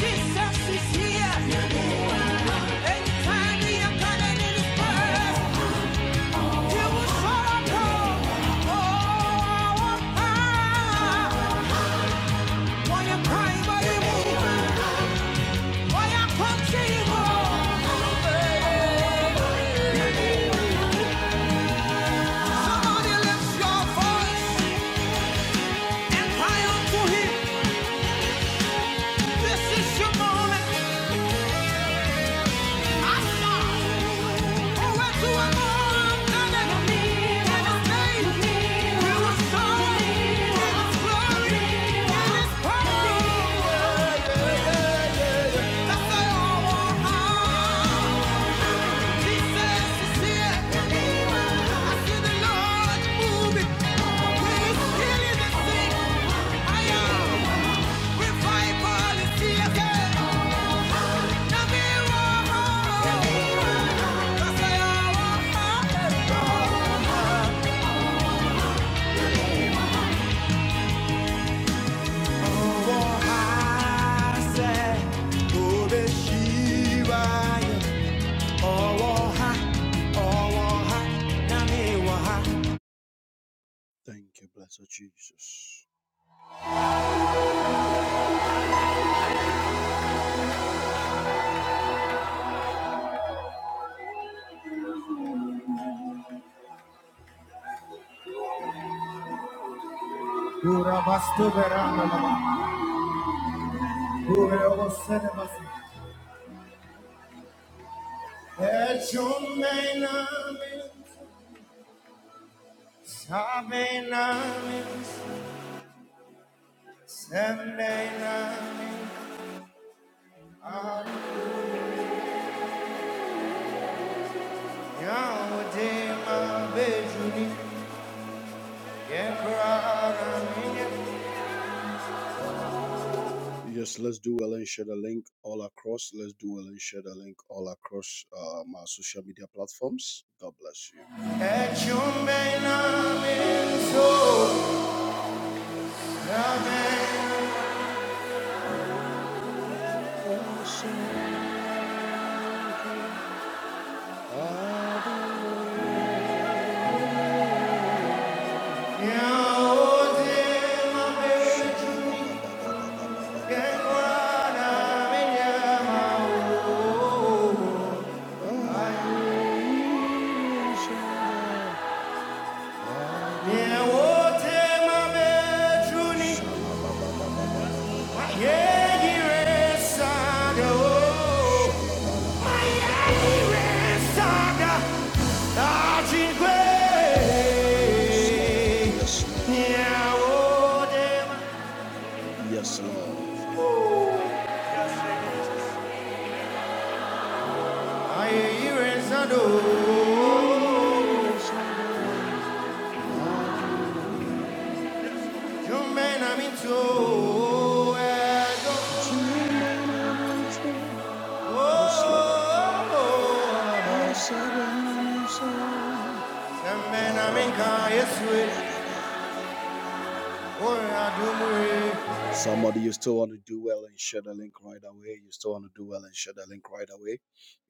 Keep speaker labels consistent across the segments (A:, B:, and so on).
A: Jesus is here. Anytime we are calling in His presence, He will show up. Oh, ah. Wanna cry, but He won't. Wanna come, see He won't. Somebody lift your voice and cry unto Him. This is your moment. I saw. Yeah. Thank you, blessed Jesus. Amen. Yeah, Yes, let's do well and share the link all across. Let's do well and share the link all across uh, my social media platforms. God bless you. Yegire Saga, oh, my Yegire Saga, Achingwe, Nyaodema. Yes, Lord. Ayeyire Sado, Jumena Mito, Edo. Oh, oh, oh, oh. Somebody, you still want to do well and share the link right away. You still want to do well and share the link right away.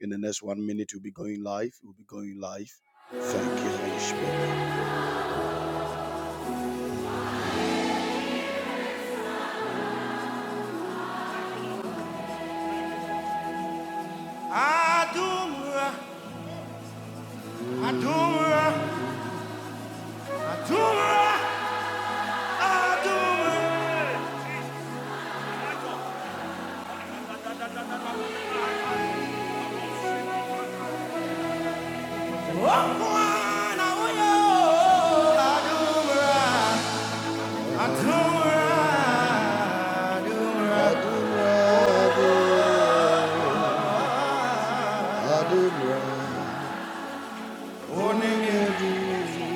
A: In the next one minute, we'll be going live. We'll be going live. Thank you, Holy Spirit. Adumra, Adumra, Adumra, Adumra. Wakwana uyo, Adumra, Adumra, Adumra, Adumra. Oh, nigga.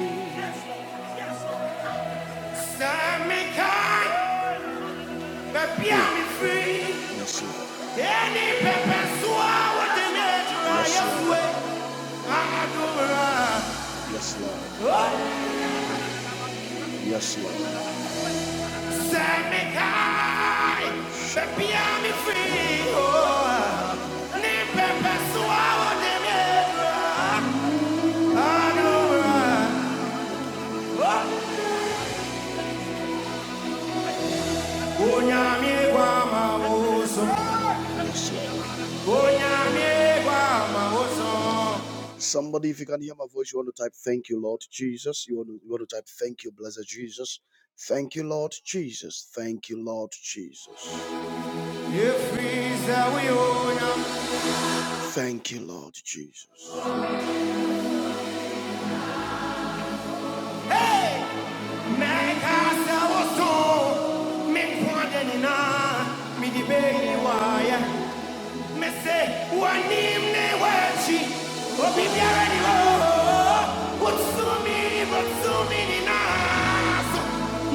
A: Sign me kind, but be me free. Yes, Any pepper soa, what the nature I Yes, am Lord. I'm a Yes, Lord. Oh, Yes, Lord. sign me kind, but be me free. Oh, any pepper soa, what the nature I am way. Oh, Onyame gwa so. Somebody, if you can hear my voice, you want to type, Thank you, Lord Jesus. You want to, you want to type, Thank you, blessed Jesus. Thank you, Lord Jesus. Thank you, Lord Jesus. Thank you, Lord Jesus. Hey. Mese wani mnewachi obibiara ni ho utsumi utsumi ni naso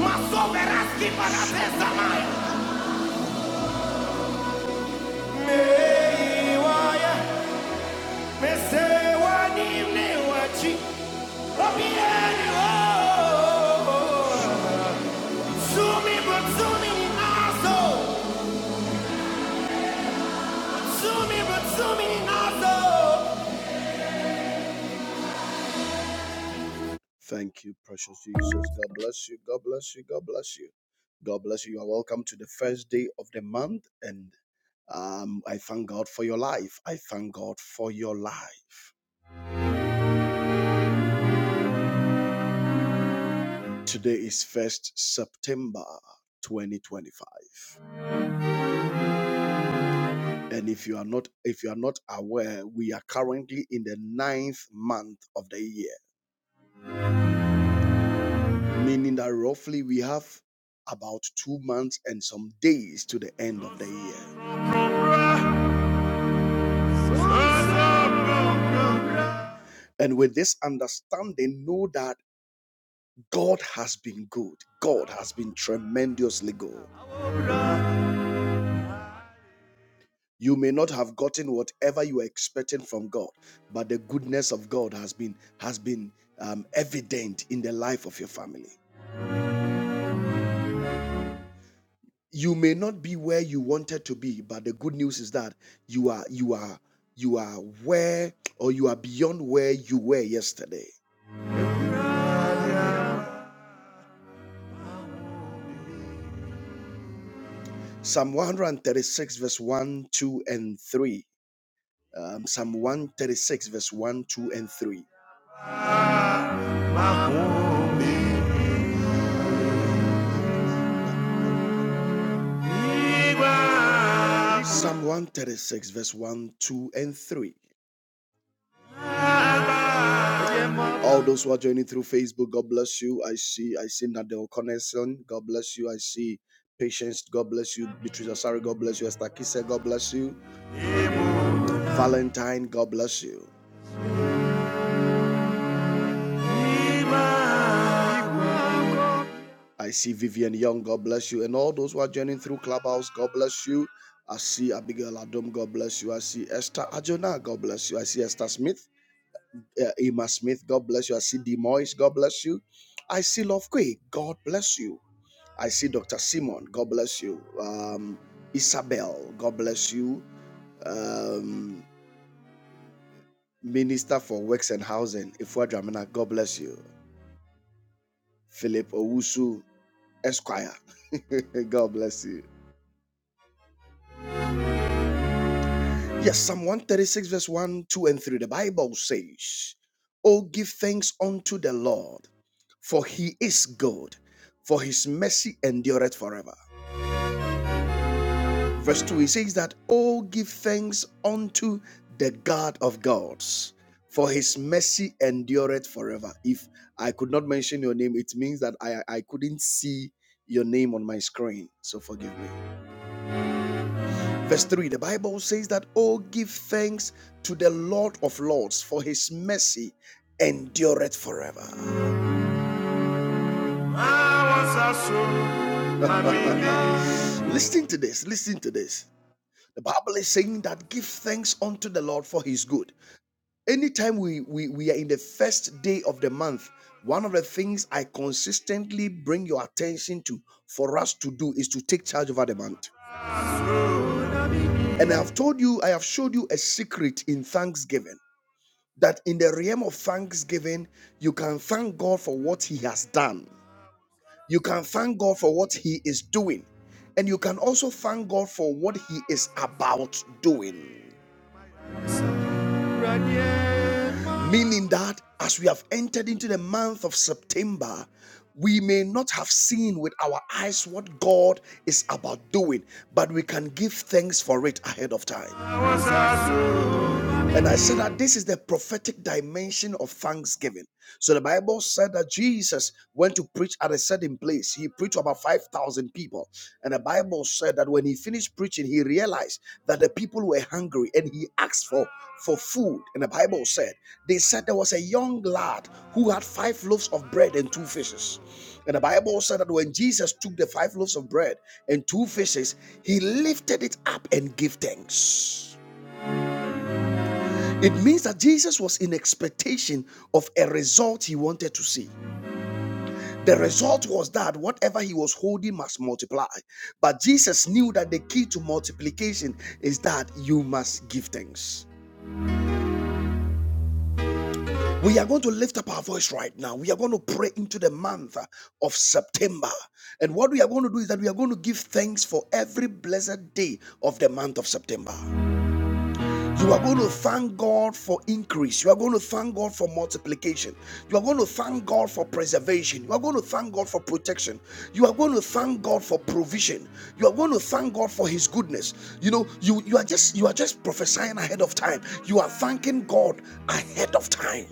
A: masoveraski pagatesa maya meiwaya mese wani mnewachi obibiara ni ho utsumi utsumi ni naso utsumi utsumi ni naso Thank you, precious Jesus. God bless you. God bless you. God bless you. God bless you. You are welcome to the first day of the month. And um, I thank God for your life. I thank God for your life. Today is 1st September 2025. And if you are not if you are not aware, we are currently in the ninth month of the year, meaning that roughly we have about two months and some days to the end of the year. And with this understanding, know that God has been good. God has been tremendously good. You may not have gotten whatever you were expecting from God, but the goodness of God has been has been um, evident in the life of your family. You may not be where you wanted to be, but the good news is that you are you are you are where or you are beyond where you were yesterday. Psalm 136, verse 1, 2, and 3. um, Psalm 136, verse 1, 2, and 3. Psalm 136, verse 1, 2, and 3. All those who are joining through Facebook, God bless you. I see, I see Nadel Connection. God bless you. I see Patience. God bless you. Beatrice Asari. God bless you. Esther Kise. God bless you. Valentine. God bless you. I see Vivian Young, God bless you. And all those who are joining through Clubhouse, God bless you. I see Abigail Adom, God bless you. I see Esther Ajona, God bless you. I see Esther Smith, uh, Emma Smith, God bless you. I see D. Moyes, God bless you. I see Love Quay, God bless you. I see Dr. Simon, God bless you. Um, Isabel, God bless you. Um, Minister for Works and Housing, Ifua Dramina, God bless you. Philip Owusu, Esquire, God bless you. Yes, Psalm 136, verse 1, 2, and 3. The Bible says, Oh, give thanks unto the Lord, for he is good, for his mercy endureth forever. Verse 2, he says that, Oh, give thanks unto the God of gods, for his mercy endureth forever. If I could not mention your name, it means that I, I couldn't see your name on my screen. So forgive me. Verse 3 The Bible says that, Oh, give thanks to the Lord of Lords, for his mercy endureth forever. listen to this, listen to this. The Bible is saying that give thanks unto the Lord for his good. Anytime we, we, we are in the first day of the month, one of the things I consistently bring your attention to for us to do is to take charge over the month. And I have told you, I have showed you a secret in thanksgiving. that in the realm of thanksgiving, you can thank God for what He has done. You can thank God for what He is doing. And you can also thank God for what He is about doing. Meaning that as we have entered into the month of September, we may not have seen with our eyes what God is about doing, but we can give thanks for it ahead of time. And I said that this is the prophetic dimension of thanksgiving. So the Bible said that Jesus went to preach at a certain place. He preached to about 5,000 people. And the Bible said that when he finished preaching, he realized that the people were hungry and he asked for, for food. And the Bible said, they said there was a young lad who had five loaves of bread and two fishes. And the Bible said that when Jesus took the five loaves of bread and two fishes, he lifted it up and gave thanks. It means that Jesus was in expectation of a result he wanted to see. The result was that whatever he was holding must multiply. But Jesus knew that the key to multiplication is that you must give thanks. We are going to lift up our voice right now. We are going to pray into the month uh, of September. And what we are going to do is that we are going to give thanks for every blessed day of the month of September. You are going to thank God for increase. You are going to thank God for multiplication. You are going to thank God for preservation. You are going to thank God for protection. You are going to thank God for provision. You are going to thank God for his goodness. You know, you you are just you are just prophesying ahead of time. You are thanking God ahead of time.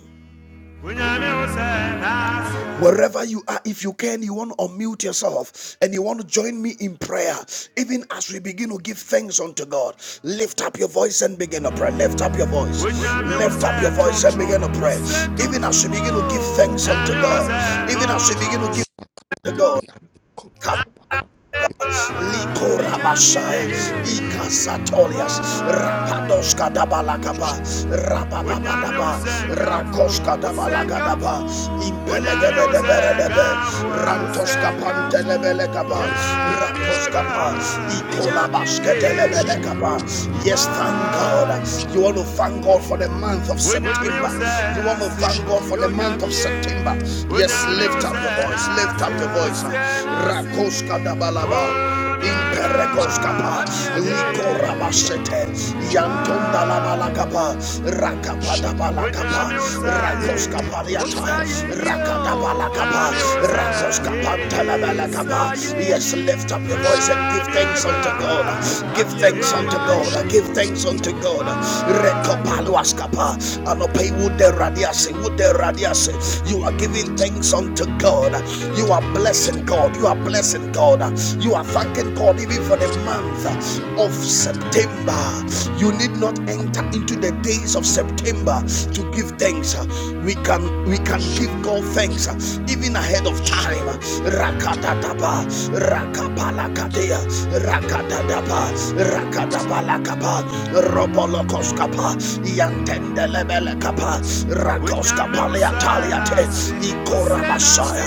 A: Wherever you are, if you can, you want to unmute yourself and you want to join me in prayer. Even as we begin to give thanks unto God, lift up your voice and begin to pray. Lift up your voice. Lift up your voice and begin to pray. Even as we begin to give thanks unto God, even as we begin to give to God. Come. Likorabashai, Ikasatolias, Rapadoska Dabalagaba, Rabababadaba, Rakoska Dabalagaba, Impelegadebe, Rantoska Pantelebelegaba,
B: Lucky Pastor,
A: Rakoska, Ikolabaska
B: Shaka,
A: Telebelegaba. Yes, thank God. You want
B: Shaka,
A: to thank
B: Yakala,
A: God for the month of September. You want to thank God
B: Shaka,
A: for
B: Yakala.
A: the month of
B: I
A: September.
B: thank you
A: Yes,
B: for the
A: lift up
B: month,
A: your voice, lift up your voice.
B: for the month,
A: Rakoska balaba.
B: Laka,
A: Imperekos
B: Chi,
A: kapa,
B: Abiat,
A: likora
B: Ira,
A: basete,
B: Kusha,
A: yantonda la balakapa, rakapada
B: Shadalabash,
A: balakapa,
B: Ira,
A: rakos
B: Teko,
A: kapaliata,
B: Shadalabash,
A: rakada
B: Ira,
A: balakapa,
B: Kusha,
A: rakos
B: Ira,
A: kapanta Yes,
B: Abika,
A: lift up your voice
B: Shana,
A: and give thanks unto God. Give thanks unto
B: Shana,
A: God. Give thanks
B: Ira,
A: unto God. Rekopaluas kapa, anope wude radiase, wude radiase. You are giving
B: Kusha,
A: thanks unto God. You are blessing
B: Kusha,
A: God. You are blessing
B: Kusha,
A: God. You are thanking God even for the
B: Shana,
A: month
B: Brante,
A: of
B: Ira,
A: September. You need not enter into the days of September to
B: Kusha,
A: give thanks. We can we can
B: Shaka,
A: give God thanks even ahead of time.
B: Irak, Shaka,
A: Rakadadaba, rakapalakadea, rakadadaba, rakadabalakapa, robolokoskapa, yantendelebelekapa, rakoskapaliataliate, ikorabasaya,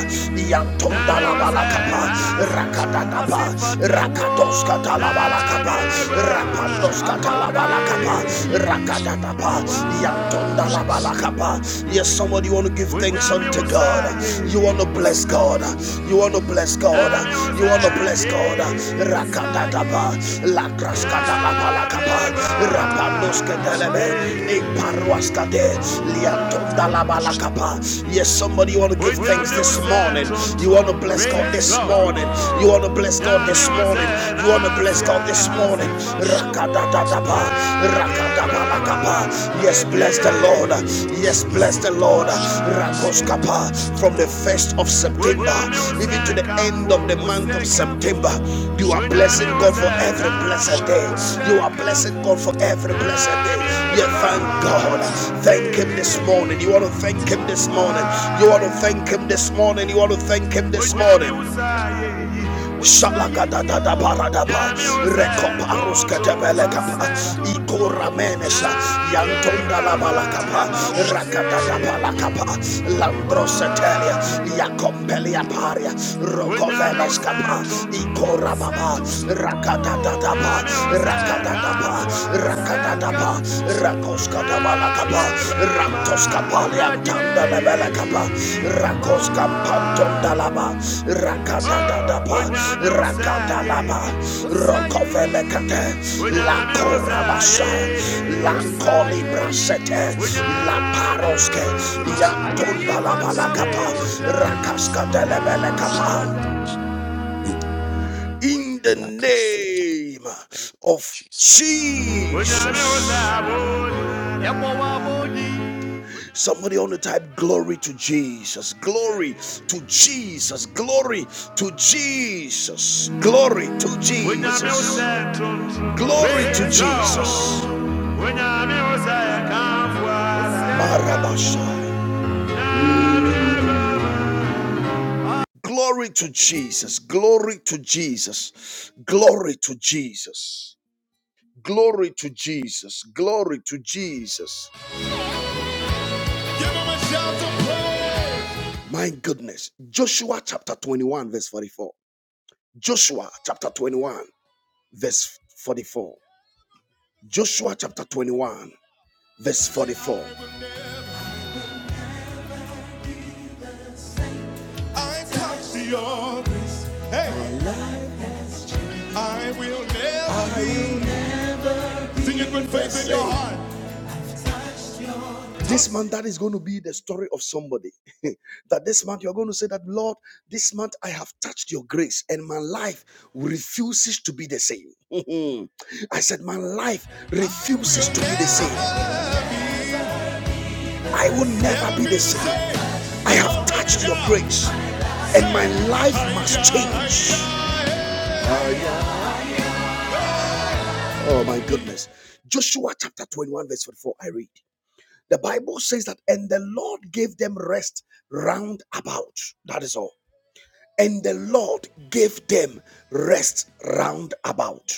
A: yantondalabalakapa, rakadagaba rakatos katalabalakaba
B: Shana,
A: rapandos katalabalakaba rakadagaba
B: Shaka,
A: yantondalabalakaba yes somebody want to give thanks unto God you want to bless God you want to bless God you want to bless God rakadagaba lakras
B: Shaka,
A: katalabalakaba rapandos
B: Shaka,
A: katalebe
B: Shut Jesus.
A: iparwas kate liantondalabalakaba yes somebody want to give thanks this morning you want to bless God this morning. You want to bless God this morning. You want to bless God this morning. Rakatatataba, rakatabalakaba. Yes, bless the Lord. Yes, bless the Lord. Rakoskapa from the 1st of September even to the end of the month of September. You are blessing God for every blessed day. You are blessing God for every blessed day. You thank God. Thank Him this morning. You want to thank Him this morning. You want to thank Him this morning. You want to thank Him this morning. Shalagada da da paradaba, recoparus catabelacapa, Icoramenesa, Yantonda la balacapa, Racata da balacapa, Lambrosetelia, Iacompelia paria, Rocovelescapa, Icorababa, Racata da da pa, Racata da pa, Racata da pa, Racoscata. Malakaba, Raptos Kapalia, Tanda Belakaba, Rakos Kapanton Dalaba, Rakatadaba, Rakadalaba, Rokovelekate, Lakorabasa, Lakoli Brasete, Laparoske, Yantundalabalakaba, Rakaskadelebelekaba. In the name of Jesus. Somebody on the type, glory to Jesus, glory to Jesus, glory to Jesus, glory to Jesus, glory to Jesus. Glory to Jesus, glory to Jesus, glory to Jesus, glory to Jesus, glory to Jesus, My goodness. Joshua chapter 21, verse 44. Joshua chapter 21, verse 44. Joshua chapter 21, verse 44. I touch the office. Hey, I will never sing it with faith in your heart. This month, that is going to be the story of somebody. that this month, you're going to say that, Lord, this month I have touched your grace and my life refuses to be the same. I said, My life refuses to be the same. I will never be the same. I have touched your grace and my life must change. Ah, yeah. Oh, my goodness. Joshua chapter 21, verse 44, I read. The Bible says that, and the Lord gave them rest round about. That is all. and the Lord gave them rest round about.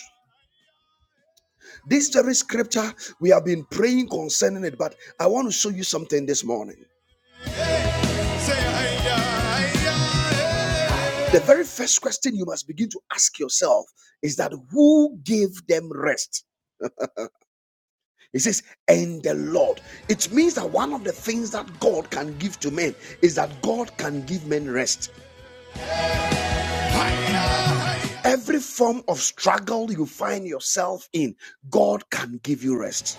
A: This very scripture, we have been praying concerning it, but I want to show you something this morning. The very first question you must begin to ask yourself is that who gave them rest? It says, and the Lord. It means that one of the things that God can give to men is that God can give men rest. Every form of struggle you find yourself in, God can give you rest.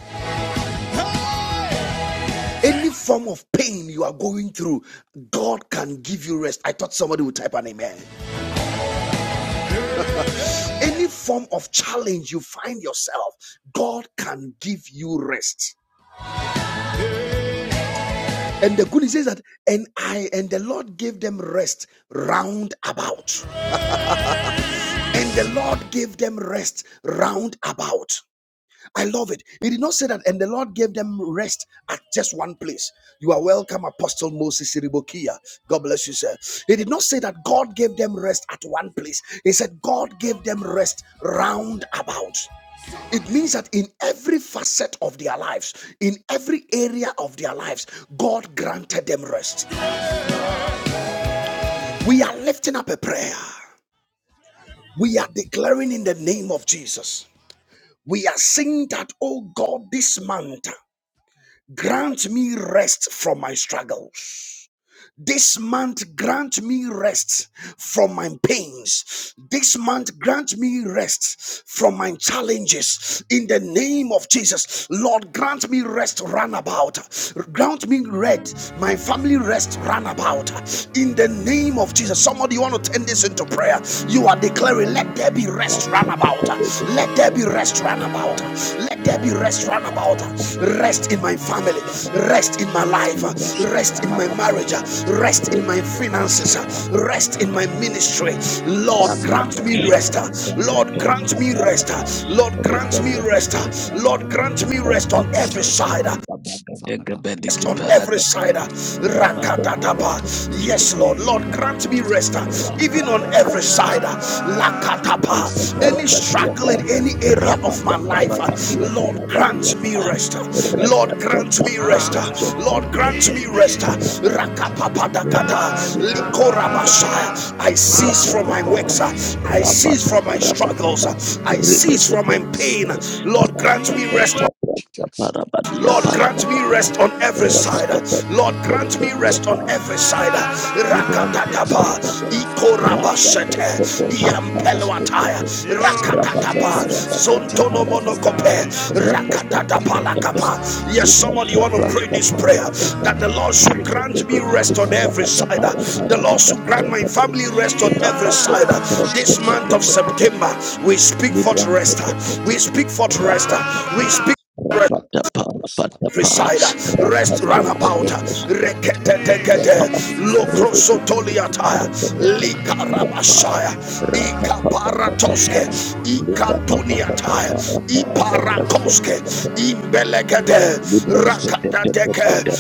A: Any form of pain you are going through, God can give you rest. I thought somebody would type an amen. Any form of challenge you find yourself, God can give you rest. And the good news is that, and I and the Lord gave them rest round about. And the Lord gave them rest round about. I love it. He did not say that, and the Lord gave them rest at just one place. You are welcome, Apostle Moses Siribokia. God bless you, sir. He did not say that God gave them rest at one place. He said God gave them rest round about. It means that in every facet of their lives, in every area of their lives, God granted them rest. We are lifting up a prayer. We are declaring in the name of Jesus. We are saying that, oh God, this month. Grant me rest from my struggles. This month, grant me rest from my pains. This month, grant me rest from my challenges. In the name of Jesus, Lord, grant me rest runabout. Grant me rest, my family rest runabout. In the name of Jesus, somebody you want to turn this into prayer. You are
C: Rabba
A: declaring, let there be rest rest run about. Let there be rest run about.
B: Jesus. Jesus.
A: Let there be rest run
B: Mm. Yes.
A: about. Rest in
B: At
A: my
B: the
A: family. Rest in my life. Rest in my marriage. Rest in my finances. Rest in my ministry. Lord, grant me rest. Lord, grant me rest. Lord, grant me rest. Lord, grant me rest on every side rest on every side. Rakatadaba. Yes, Lord. Lord, grant me rest uh,
B: Father,
A: even on every side. uh,
B: I
A: Lakatapa.
C: Rapat
B: respect
A: Any struggle
C: dapat
A: in any area of my life, uh, Lord, grant me rest. uh, Lord, grant me rest.
B: you,
A: uh, Lord,
B: out of God, Jesus. Father, yes, your Father,
A: grant me rest. uh,
B: Jesus. Father,
A: Rakapapadagada. Likorabasha. I cease from my works. uh,
B: Father,
A: I cease from my
C: para
A: struggles. uh,
B: your
A: I
B: rest. I
A: cease from my pain.
B: receive rest.
A: Lord, grant
B: In
A: me
B: the name
A: rest.
B: of Jesus.
A: Lord,
C: para
A: grant
B: Shabbat,
A: me rest on every side. Lord, grant me rest
C: para
A: on every side.
C: Libranta
B: Shabbat, Shabbat,
A: Rakatataba,
B: Shabbat,
C: Parapata,
B: Shabbat,
C: Rapata
A: Ikorabashete,
C: Koposha
B: Iraq,
A: Iampeluataya,
C: Parapatiku, Rabata
A: Rakatataba,
C: Parapata Parapata,
A: Sontonomonokope,
C: Rapata Pataka,
A: Rakatatabalakaba. Yes,
C: Libra
A: somebody want to pray
C: Shapraska
A: this prayer that
C: Parapata,
A: the Lord should grant me
C: Ripetipiti
A: rest on every
C: Parapata
A: side. The Lord
C: Parapata
A: should grant my
C: Parapata,
A: family rest on every
C: Rapato
A: side.
C: Caprasca
A: This month of
C: Pata
A: September, we speak for rest. We speak for rest. We speak. Reside, rest round about, rekete dekete, lokrosotoliata, likarabashaya, ikaparatoske, ikaduniata, iparakoske, imbelegede,
C: Librante te te te te
A: rakatadeke,
C: te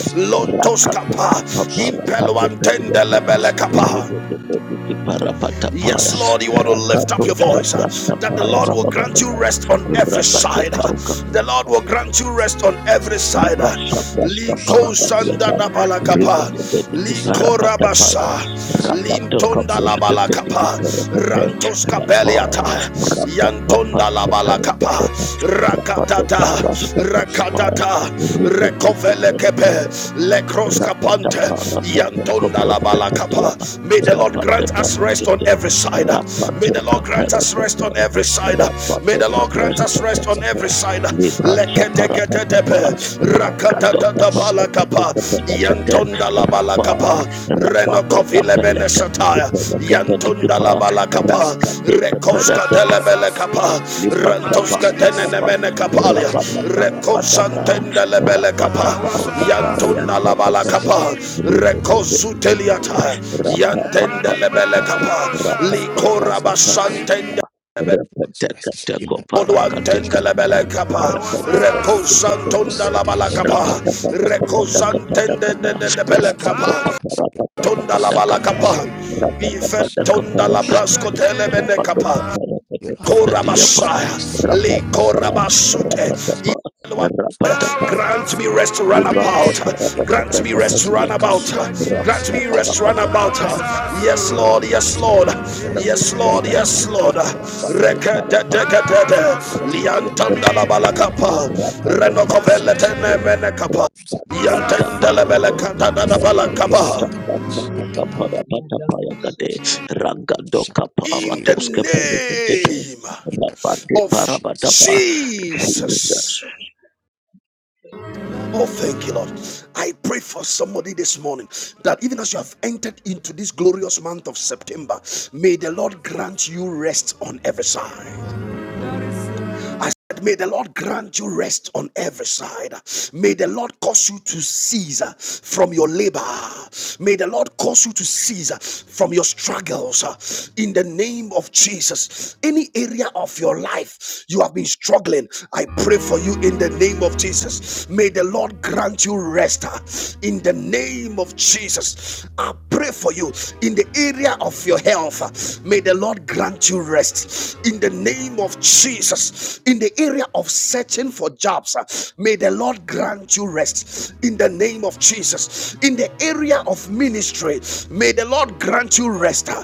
C: rakato
A: lontoskapa,
C: kapa para Librantepetepetepete, rakatokapaparapateperiyata,
B: Iraq, Iraq,
A: impeluantendelebelekapa.
C: ripetepetukiparapatapaya,
A: Yes, Lord, you want to lift up your voice uh, that the
C: rakatosapraskapaya,
A: Lord will grant you
C: bababababa,
A: rest on every side. uh,
C: rapateparuka.
A: The Lord will grant you rest on every side.
C: Libra
A: uh.
C: Sapras
A: Liko sanda
C: Paparapatiata
A: da balakapa,
C: Ribedipeti
A: liko
C: Parapatapaya
A: rabasa,
C: Rapato
A: lintonda
C: Comros
A: la
C: Kepedi
A: balakapa,
C: Parapate
A: rantos
C: Rapa
A: kapeliata,
C: Rapa
A: yantonda la balakapa,
C: Paparapatapa Rapato
A: rakata
C: Comros
A: Rakata,
C: Papatapaya
A: Rakatata,
C: Ribedipeti
A: Rekovele Kepe,
C: Parapatapa
A: Lekroska
C: Rapata
A: Pante,
C: Parapata
A: Yantonda
C: Comros
A: la
C: Kepediapa
A: Balakapa. May the
B: Yes.
A: Lord
C: Rapata
A: grant us rest on
C: Parapate
A: every side. May
C: Rapato
A: the Lord grant
C: Comros
A: us rest
C: Kepediapa
A: on every side. May
C: Rapato
A: the Lord
C: Comros
A: grant us rest on
C: Kepediapa
A: every side.
C: Libra
A: Lekete
C: Shapara Patapa Ranga
A: Rakata
C: Doka
A: Balakapa,
C: Patapa
A: Yantonda la Balakapa
C: Rapa
A: kapa
C: Rapa Doka
A: renokofile mene
C: Peleta
A: sataya yantunda la
C: Dikipa
A: bala kapa
C: Ranga
A: rekoska
C: Deka
A: delebele kapa
C: Libra Shapa
A: rantoska denene
C: Rapatapa
A: mene kapalia
C: apa? Rapatapa
A: rekosantende lebele kapa
C: Rapatapa Kaparian
A: yantunda la bala
C: Tapatapa
A: kapa rekosuteliata yantende
C: Rapapapapa
A: lebele
C: apa?
A: kapa
C: Rapataka
A: likora
C: Parakateka apa?
A: basantende
C: apa apa rabat
B: must
C: dekat
B: rest in
C: dekat
B: the
C: para
B: name of
A: Oduantende
C: ketika
B: Jesus.
A: lebele kapa, rekosantunda la
B: Ikosate,
A: bala
C: rabat
A: kapa,
B: itakatia,
C: dekat dekat
A: rekosantende
C: dekat
A: de de de bele
C: rabat apa apa
A: kapa,
C: apa
B: ikosatia,
C: apa rabat apa apa
A: Tonda la
C: apa apa apa
B: ikosatia,
A: balakapa.
C: rabat apa apa
A: Ifentonda
C: apa
A: la
C: apa
B: ikashata,
A: brasko telemene
C: Rapat doka
A: kapa.
C: para tete tete dia
B: irapaliata,
A: Korabashaya. Le
B: isatia,
C: Rapadokapayakatapadiapa,
A: korabasute.
B: irapaliata,
C: rapatapa, rapatapa, rapatapa,
A: Grant me rest to run about.
B: itakosa,
C: librantapa, rapatapa,
A: Grant me
B: itabranta,
A: rest to run
C: rapatapa,
A: about.
B: ikasutia,
A: Grant me
C: rapatapa,
A: rest to run
B: itakuta,
C: rapatapa,
A: about. Yes, Lord. Yes, Lord.
B: irakosalaba,
A: Yes, Lord. Yes,
B: itavalia,
A: Lord. Reke,
B: isadapalia,
A: Rekedededede.
B: ratekosa.
A: Liantanda la
B: La
A: balakapa.
B: parodia per cosa
A: Renokovele
B: si
A: tenemene
B: parla
A: kapa.
B: cosa mia per
A: Yantendele bele
B: cosa
A: da
B: cosa e
A: balakapa.
B: santa e te papia e
C: Rangado
B: shana
A: in
B: e
A: the
B: rapa e shana
A: name
B: In the name of
A: of
B: Jesus.
C: Jesus.
A: Jesus. Oh, thank you, Lord. I pray for somebody this morning that even as you have entered into this glorious month of September, may the Lord grant you rest on every side. I said, May the Lord grant you rest on every side. May the Lord cause you to cease uh, from your labor. May the Lord cause you to cease uh, from your struggles uh, in the name of Jesus. Any area of your life you have been struggling, I pray for you in the name of Jesus. May the Lord grant you rest uh, in the name of Jesus. I pray for you in the area of your health. May the Lord grant you rest in the name of Jesus. In the area of searching for jobs, uh, may the Lord grant you rest in the name of Jesus. In the area of ministry, may the Lord grant you rest uh,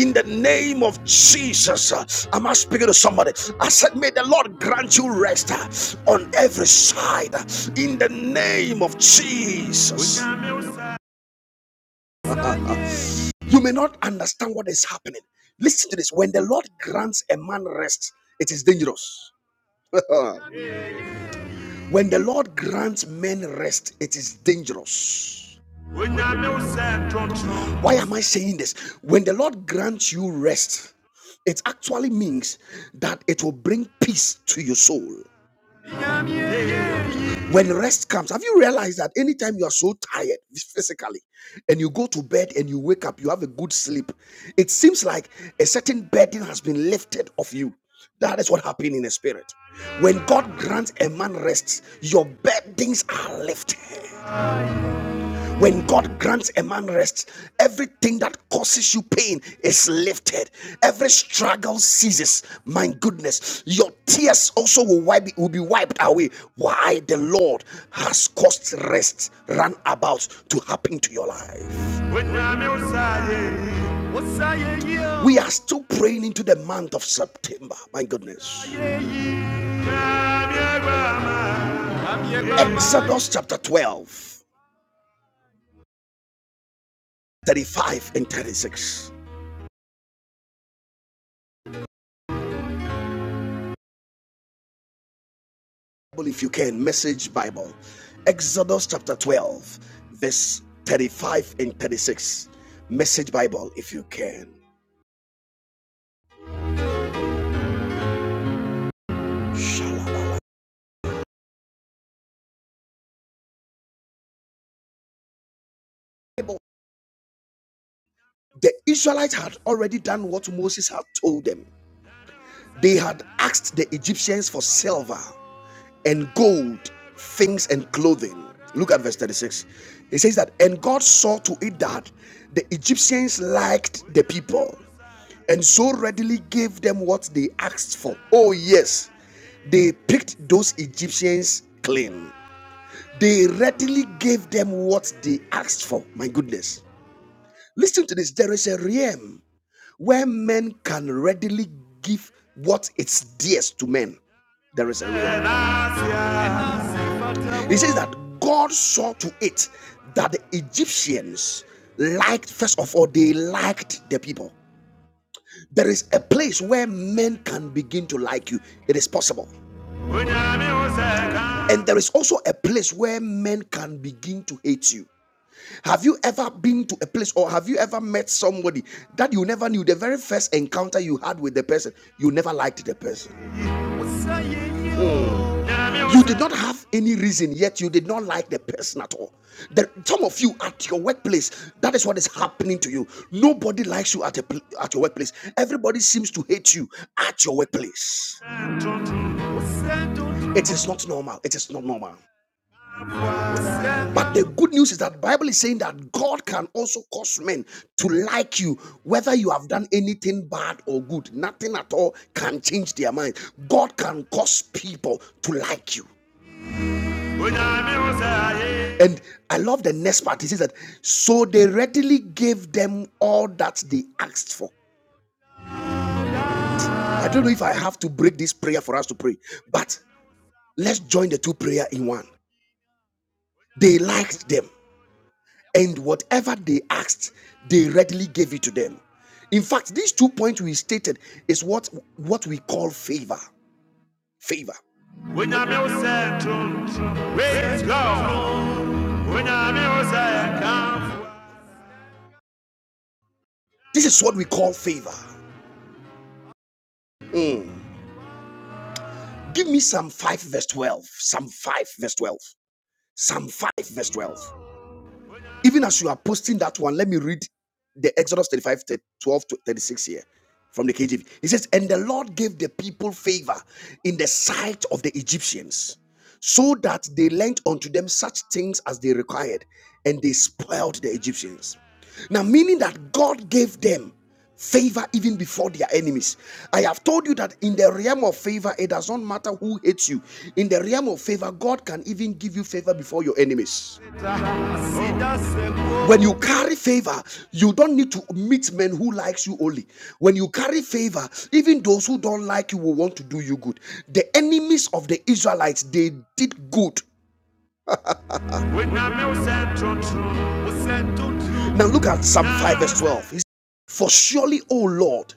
A: in the name of Jesus. Uh, Am I speaking to somebody? I said, may the Lord grant you rest uh, on every side uh, in the name of Jesus. You may not understand what is happening. Listen to this. When the Lord grants a man rest, it is dangerous. when the Lord grants men rest, it is dangerous. Why am I saying this? When the Lord grants you rest, it actually means that it will bring peace to your soul. When rest comes, have you realized that anytime you are so tired physically and you go to bed and you wake up, you have a good sleep, it seems like a certain burden has been lifted off you. That is what happened in the spirit. When God grants a man rest, your burdens are lifted. When God grants a man rest, everything that causes you pain is lifted. Every struggle ceases. My goodness, your tears also will, wipe, will be wiped away. Why the Lord has caused rest run about to happen to your life. We are still praying into the month of September. My goodness. Exodus chapter twelve, thirty-five and 36. Bible if you can, Message Bible. Exodus chapter 12, verse 35 and 36. Message Bible if you can. The Israelites had already done what Moses had told them. They had asked the Egyptians for silver and gold, things and clothing. Look at verse 36. It says that, and God saw to it that the Egyptians liked the people and so readily gave them what they asked for. Oh, yes. They picked those Egyptians clean. They readily gave them what they asked for. My goodness. Listen to this. There is a realm where men can readily give what is dearest to men. There is a realm. He says that God saw to it that the Egyptians liked, first of all, they liked the people. There is a place where men can begin to like you. It is possible. And there is also a place where men can begin to hate you. Have you ever been to a place or have you ever met somebody that you never knew? The very first encounter you had with the person, you never liked the person. You did not have any reason, yet you did not like the person at all. There, some of you at your workplace, that is what is happening to you. Nobody likes you at, a, at your workplace. Everybody seems to hate you at your workplace. It is not normal. It is not normal. But the good news is that the Bible is saying that God can also cause men to like you, whether you have done anything bad or good. Nothing at all can change their mind. God can cause people to like you. And I love the next part. He says that so they readily gave them all that they asked for. I don't know if I have to break this prayer for us to pray, but let's join the two prayer in one. They liked them, and whatever they asked, they readily gave it to them. In fact, these two points we stated is what what we call favor. Favor. This is what we call favor. Mm. Give me Psalm 5, verse 12. Psalm 5, verse 12. Psalm 5, verse 12. Even as you are posting that one, let me read the Exodus thirty-five, twelve to 36 here from the KJV. It says, And the Lord gave the people favor in the sight of the Egyptians, so that they lent unto them such things as they required, and they spoiled the Egyptians. Now, meaning that God gave them favor even before their enemies. I have told you that in the realm of favor, it does not matter who hates you. In the realm of favor, God can even give you favor before your enemies. When you carry favor, you don't need to meet men who likes you only. When you carry favor, even those who don't like you will want to do you good. The enemies of the Israelites, they did good. Now look at Psalm 5 verse 12. He said, For surely, O Lord,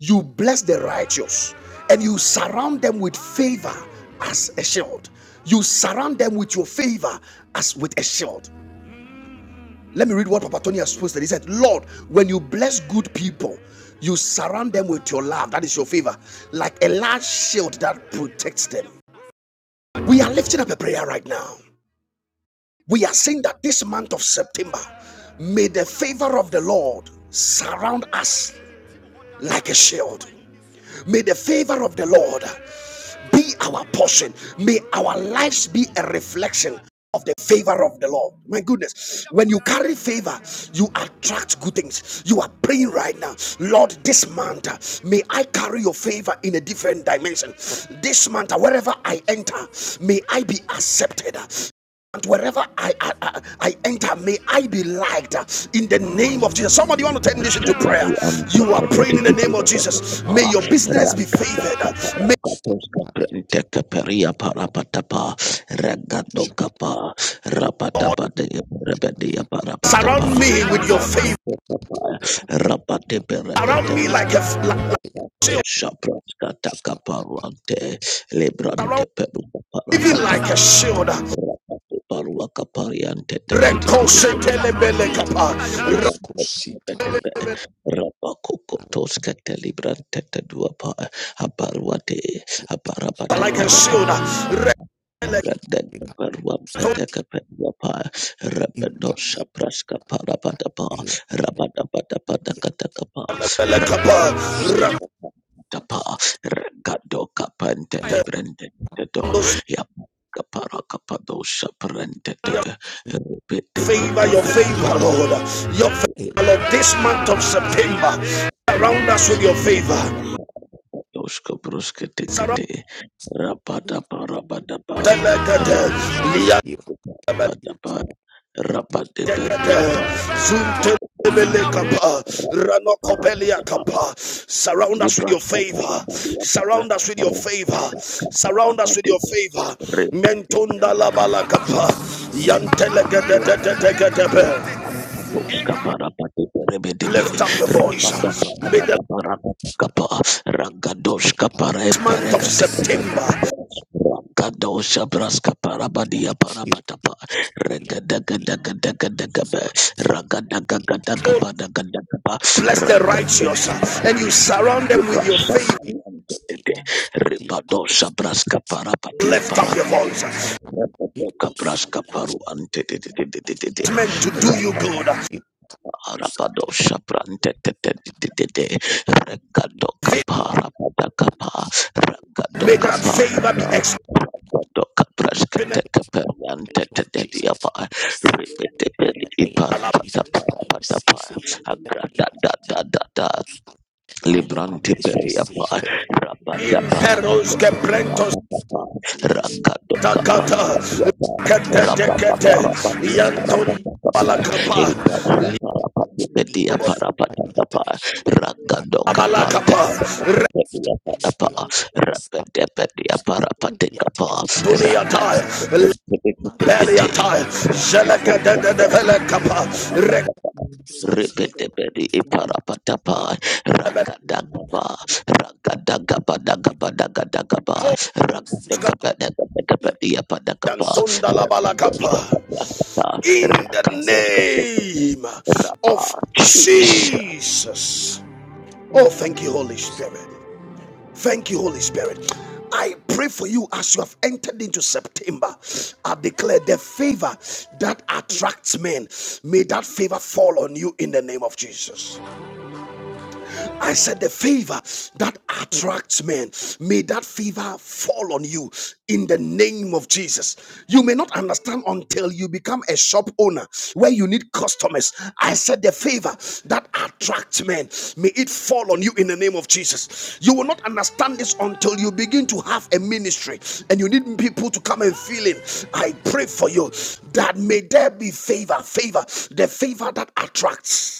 A: you bless the righteous and you surround them with favor as a shield. You surround them with your favor as with a shield. Let me read what Papa Tony has posted. He said, Lord, when you bless good people, you surround them with your love. That is your favor, like a large shield that protects them. We are lifting up a prayer right now. We are saying that this month of September, may the favor of the Lord surround us like a shield. May the favor of the Lord be our portion. May our lives be a reflection of the favor of the Lord. My goodness, when you carry favor, you attract good things. You are praying right now, Lord, this month, uh, may I carry your favor in a different dimension. This month, uh, wherever I enter, may I be accepted. And wherever I, I I enter, may I be liked uh, in the name of Jesus. Somebody want to turn this into prayer.
C: Shapari ante
A: You are
C: teberi
A: praying in
C: di
A: the name of
C: bede bede bede
A: Jesus. May your business be
C: raga daka
A: favored.
C: para
A: May
C: katos kaprente keperia para patapa raga doka pa rapada pada rebede ya para
A: Surround
C: patapa
A: me with your favor.
C: rapade berebede
A: Surround me
C: be
A: like a like, like shield.
C: ante
A: Surround
C: lebrante
A: me
C: peru para
A: even like a
C: pataka
A: shield.
C: rapade paru akapari ante tadi di
B: Irascosita di Corabia,
C: Rabakokotoskete librantete duapa habarwade habarabata
A: Like a
C: barabata
A: shield. Rekosetelebelekapa.
C: Grandan beruang pada kependuapa Rabendo sapras kepala pada kapedua pa rabado sapraska parapata pa Rabada pada pada kata kapa, Rabos sapras
A: Rekosetelebelekapa.
C: kata pa Regado kapan telebrende tedo Ya kapara kapado saprende te
A: Your
C: Bete
A: favor,
C: bete
A: your
C: bete
A: favor, Lord. Your favor, Lord. This month of September, surround us with your favor.
C: Doshka bruska
A: Surround
C: tikete,
B: Thank
C: rabada barabada ba,
A: us. with your favor.
C: rabada ba, rabade berua pa,
A: Zunte Lebele kapa, Rano
C: barabada
A: kopelia
C: ba,
A: kapa. Surround us with your
C: librasta
A: favor.
C: barabada ba,
A: Surround us with your favor.
C: rabada kapa
A: Surround us with
C: abade,
A: your favor.
C: rebede
A: Mentunda
C: beri
A: la bala kapa. Yantele gede de de gede Lift up your voice. May the last month of September
D: Amen.
B: you.
C: Ragada
A: bless the
B: you
A: righteous and you surround them with your favor. Lift up your voice. It's
C: Kapraska paru ante de de de de de de de
A: meant to do
C: Ra-
A: you good.
C: rapado shaprante te de de de de de regado kapa rapada kapa regado
A: May that
C: kapa
A: favor be
C: regado kapraska te
A: experienced
C: kaperante te
B: of
C: de de
B: Jesus,
C: apa
B: I receive
C: ribete
B: favor
C: de
B: in
C: de
B: the name of
C: ipara pata
B: Jesus.
C: para
B: I
C: pata pa
B: receive favor in the
C: agra
B: name
C: da
B: of
C: da
B: Jesus.
C: da da da
B: My
C: Librante
B: family should receive
C: periapa
B: favor.
C: rapada paraka
A: Imperos que prentos
C: parapa ragado kaparapa
A: takata
C: tiapa
A: kete
C: rababa
A: kete
C: parapa tiapa
A: yanton
B: Sisi,
C: rababa kapa
B: my love,
A: balakapa
B: my
C: elita
B: sweet,
A: libo
C: parapa
B: eat
C: petia
B: a soup
C: parapa
B: and not
C: kapa
B: tash. I
C: ragado
B: be a
C: kapante
A: balakapa
B: tash,
C: apa
B: me like a scat,
C: rabade apa
B: scat,
C: parapa
B: I be a
C: kapa
B: tash, eat
A: retunia
B: scat,
A: tai
B: scat,
C: ragado
B: yes, me,
C: kete
B: I a
A: lebelia
B: scat,
C: kete
A: tai jeleke de de de vele
B: in a
A: kapa
B: curly,
C: kete
A: rekebe
B: sash, eat a
C: Repeteberi
B: scat, yet, in
C: iparapatapa
B: a,
C: ragadagaba
B: in
C: ragadagaba
B: a,
C: dagaba
B: it
C: dagadagaba
A: oska
B: misses,
C: ragadagaba dagadagaba
B: eat a
C: diapadagaba
B: sheep,
A: yanton
C: ragadosa
B: me,
A: dalabalakapa
C: padrasta
A: in the
B: as,
C: rakaposka
B: of,
C: tekete
A: name
B: in
A: of
C: raba
B: the name of
C: chis
A: Jesus. Oh, thank you, Holy Spirit. Thank you, Holy Spirit. I pray for you as you have entered into September. I declare the favor that attracts men. May that favor fall on you in the name of Jesus. I said, the favor that attracts men, may that favor fall on you in the name of Jesus. You may not understand until you become a shop owner where you need customers. I said, the favor that attracts men, may it fall on you in the name of Jesus. You will not understand this until you begin to have a ministry and you need people to come and feel it. I pray for you that may there be favor, favor, the favor that attracts.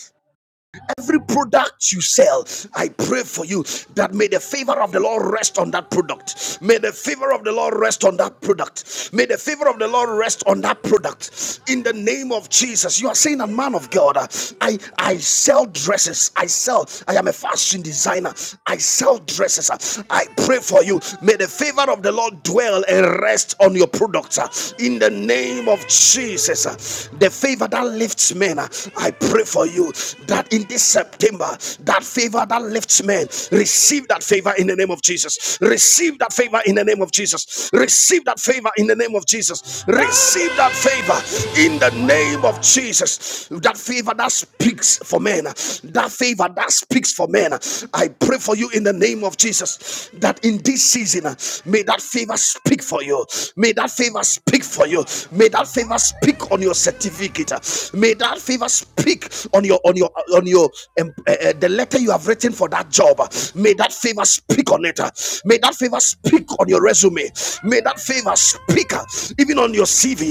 A: Every product you sell, I pray for you that may the favor of the Lord rest on that product. May the favor of the Lord rest on that product. May the favor of the Lord rest on that product. In the name of Jesus, you are saying, "A man of God, uh, I I sell dresses. I sell. I am a fashion designer. I sell dresses. uh, I pray for you. May the favor of the Lord dwell and rest on your products. uh, In the name of Jesus. Jesus, the favor that lifts men, I pray for you that in this September, that favor that lifts men, receive that favor in the name of Jesus. Receive that favor in the name of Jesus. Receive that favor in the name of Jesus. Receive that favor in the name of Jesus. That favor that speaks for men, that favor that speaks for men. I pray for you in the name of Jesus that in this season, speaking, may that favor speak for you. May that favor speak for you. May that favor speak on your certificate. May that favor speak on your on your on your um, uh, uh, the letter you have written for that job. May that favor speak on it. May that favor speak on your resume. May that favor speak uh, even on your CV.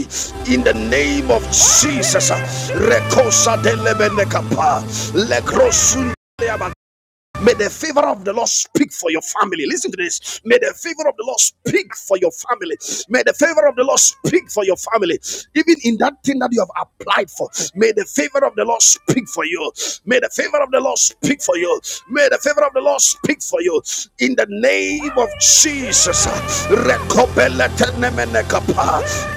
A: In the name of Jesus, uh, Rekosa de Lebenekapa, Lekrosun. May the favor of the Lord speak for your family. Listen to this. May the favor of the Lord speak for your family. May the favor of the Lord speak for your family. Even in that thing that you have applied for, may the favor of the Lord speak for you. May the favor of the Lord speak for you. May the favor of the Lord speak for you. In the name of Jesus.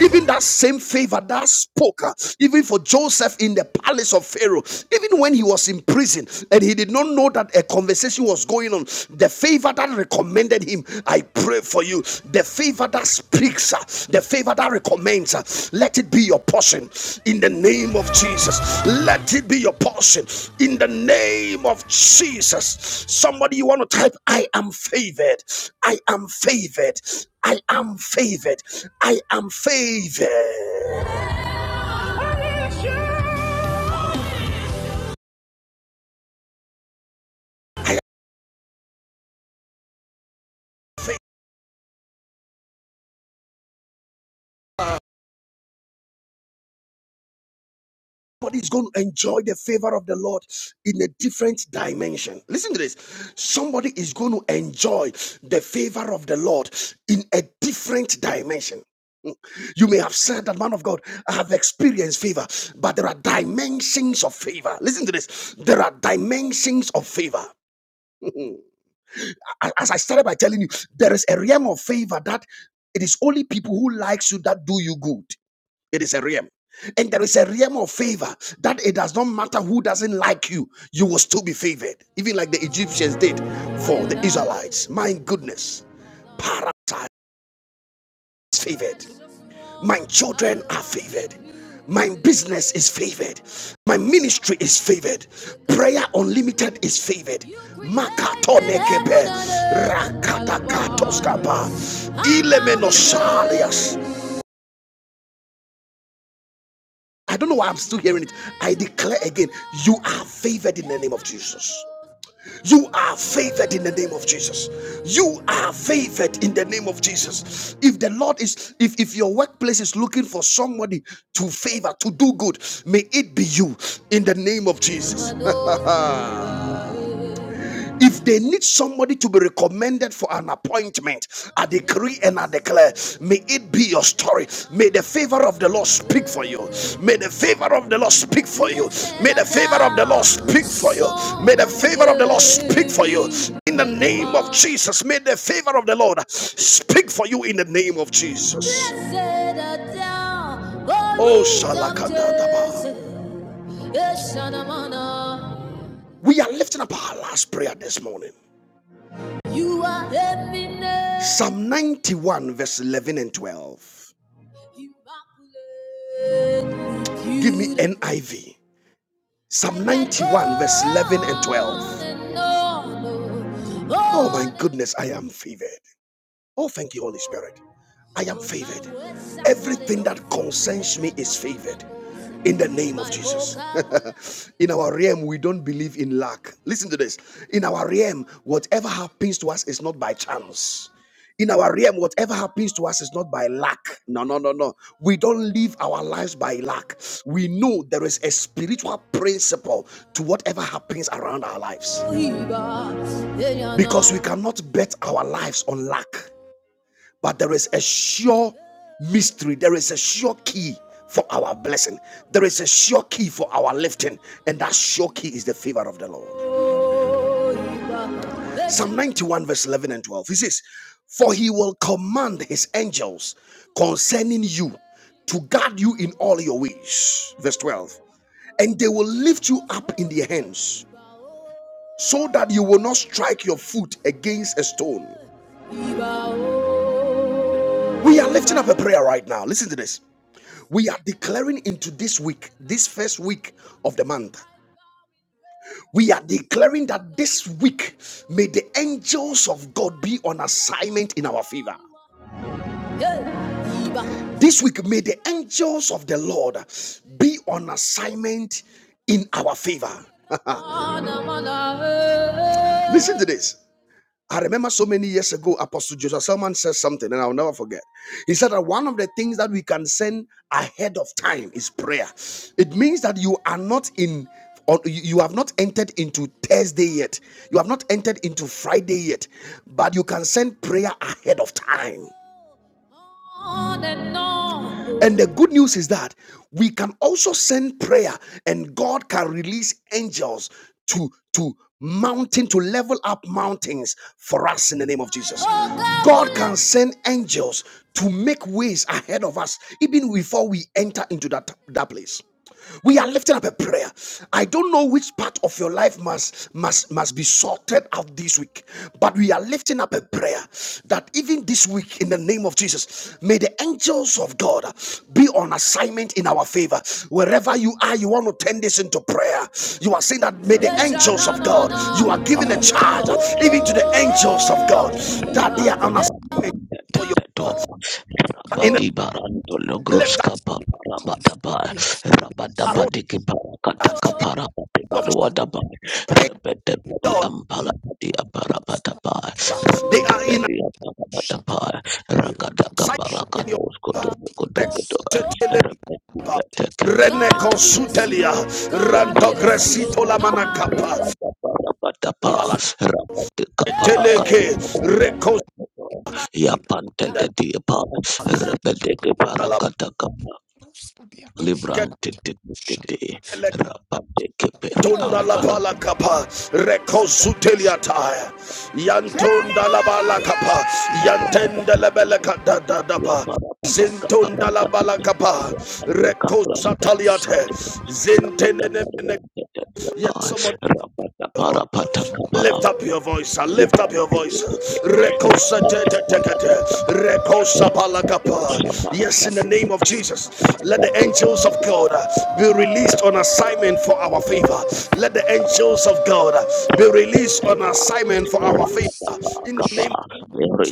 A: Even that same favor that spoke, uh, even for Joseph in the palace of Pharaoh. Even when he was in prison and he did not know that a conversation was going on, the favor that recommended him, I pray for you. The favor that speaks, uh, the favor that recommends, uh, let it be your portion in the name of Jesus. Let it be your portion in the name of Jesus. Somebody, you want to type, I am favored. I am favored. I am favored. I am favored. I Somebody is going to enjoy the favor of the Lord in a different dimension. Listen to this. Somebody is going to enjoy the favor of the Lord in a different dimension. You may have said that, man of God, I have experienced favor, but there are dimensions of favor. Listen to this. There are dimensions of favor. As I started by telling you, there is a realm of favor that it is only people who likes you that do you good. It is a realm. And there is a realm of favor that it does not matter who doesn't like you, you will still be favored, even like the Egyptians did for the Israelites. My goodness, Parasite is favored. My children are favored. My business is favored. My ministry is favored. Prayer Unlimited is favored. Makatonekepe, rakatakatos kapa, ilemenosalias. I don't know why I'm still hearing it. I declare again, you are favored in the name of Jesus. You are favored in the name of Jesus. You are favored in the name of Jesus. If the Lord is, if, if your workplace is looking for somebody to favor, to do good, may it be you in the name of Jesus. If they need somebody to be recommended for an appointment, I decree and I declare, may it be your story. May the favor of the Lord speak for you. May the favor of the Lord speak for you. May the favor of the Lord speak for you. May the favor of the Lord speak for you. In the name of Jesus, may the favor of the Lord speak for you in the name of Jesus. Oh, Shalakadadaba. We are lifting up our last prayer this morning. You are happiness. Psalm 91, verse 11 and 12. Give me NIV. Psalm 91, verse 11 and 12. Oh my goodness, I am favored. Oh, thank you, Holy Spirit. I am favored. Everything that concerns me is favored. In the name of Jesus. in our realm, we don't believe in luck. Listen to this. In our realm, whatever happens to us is not by chance. In our realm, whatever happens to us is not by luck. No, no, no, no. We don't live our lives by luck. We know there is a spiritual principle to whatever happens around our lives. Because we cannot bet our lives on luck. But there is a sure mystery, there is a sure key for our blessing, there is a sure key for our lifting, and that sure key is the favor of the Lord. Psalm 91, verse 11 and 12. He says, For he will command his angels concerning you to guard you in all your ways. Verse 12. And they will lift you up in their hands so that you will not strike your foot against a stone. We are lifting up a prayer right now. Listen to this. We are declaring into this week, this first week of the month. We are declaring that this week may the angels of God be on assignment in our favor. This week may the angels of the Lord be on assignment in our favor. Listen to this. I remember so many years ago, Apostle Joseph Selman said something, and I'll never forget. He said that one of the things that we can send ahead of time is prayer. It means that you are not in, or you you have not entered into Thursday yet. You have not entered into Friday yet, but you can send prayer ahead of time and the good news is that we can also send prayer and God can release angels to to mountain to level up mountains for us in the name of Jesus. Oh God can send angels to make ways ahead of us even before we enter into that that place we are lifting up a prayer i don't know which part of your life must must must be sorted out this week but we are lifting up a prayer that even this week in the name of jesus may the angels of god be on assignment in our favor wherever you are you want to turn this into prayer you are saying that may the angels of god you are giving a charge
C: liparapatosa
A: even to the angels of god that they are on
C: kadoma
A: assignment for your favor in
C: Rabadi
A: the
C: baranto
B: Jesus,
C: logros
A: left
C: kapa
B: Shut
C: rabadaba
B: up.
C: rabadaba
A: arrow,
C: diki parakata
A: in the name
C: kapara bati
A: of
C: baruadaba
A: Jesus,
C: repete pedi ampala pedi aparabadaba
A: they
C: repete
A: are in
C: pedi aparabadaba rakata
A: sight
C: kapara
A: in your
C: kato skoto koto koto
A: Rekteteleba,
C: repete pete
A: Renekosutelia, Rantogresito la manacapa, Abalaketeleke, Rekosindela,
C: Rapante
A: Alabaketele, Tunda la balacapa, Rekosutelia tire, Yantunda la balacapa,
B: It's
A: Yantenda
B: about
A: la bala kada da da
C: Ya
A: ba.
C: barabada
A: Zintunda la
C: kabarakatum,
A: balakapa,
C: rabado
B: Ira,
C: kabrasta
A: rekosataliate,
C: katum, rabada
A: zintene. ne ne.
C: barian tete
A: Yes,
C: diapa,
A: someone.
C: rabada barabada kapa,
A: Lift up your voice, uh, lift up
C: libran
A: your voice.
C: tete tete,
A: Recosa te
C: rabada
A: te te te
C: barabada
A: te.
C: pa, rado sabara
A: Yes, in the
C: tapi
A: name of Jesus, let
C: rabada
A: the
C: tete
A: angels of God uh, be released on assignment for
C: tete
A: our favor. Let the
C: rabanda
A: angels of God uh, be released on
C: pa
A: assignment for our favor.
C: rabanda pa
A: In the
C: kapa
A: name of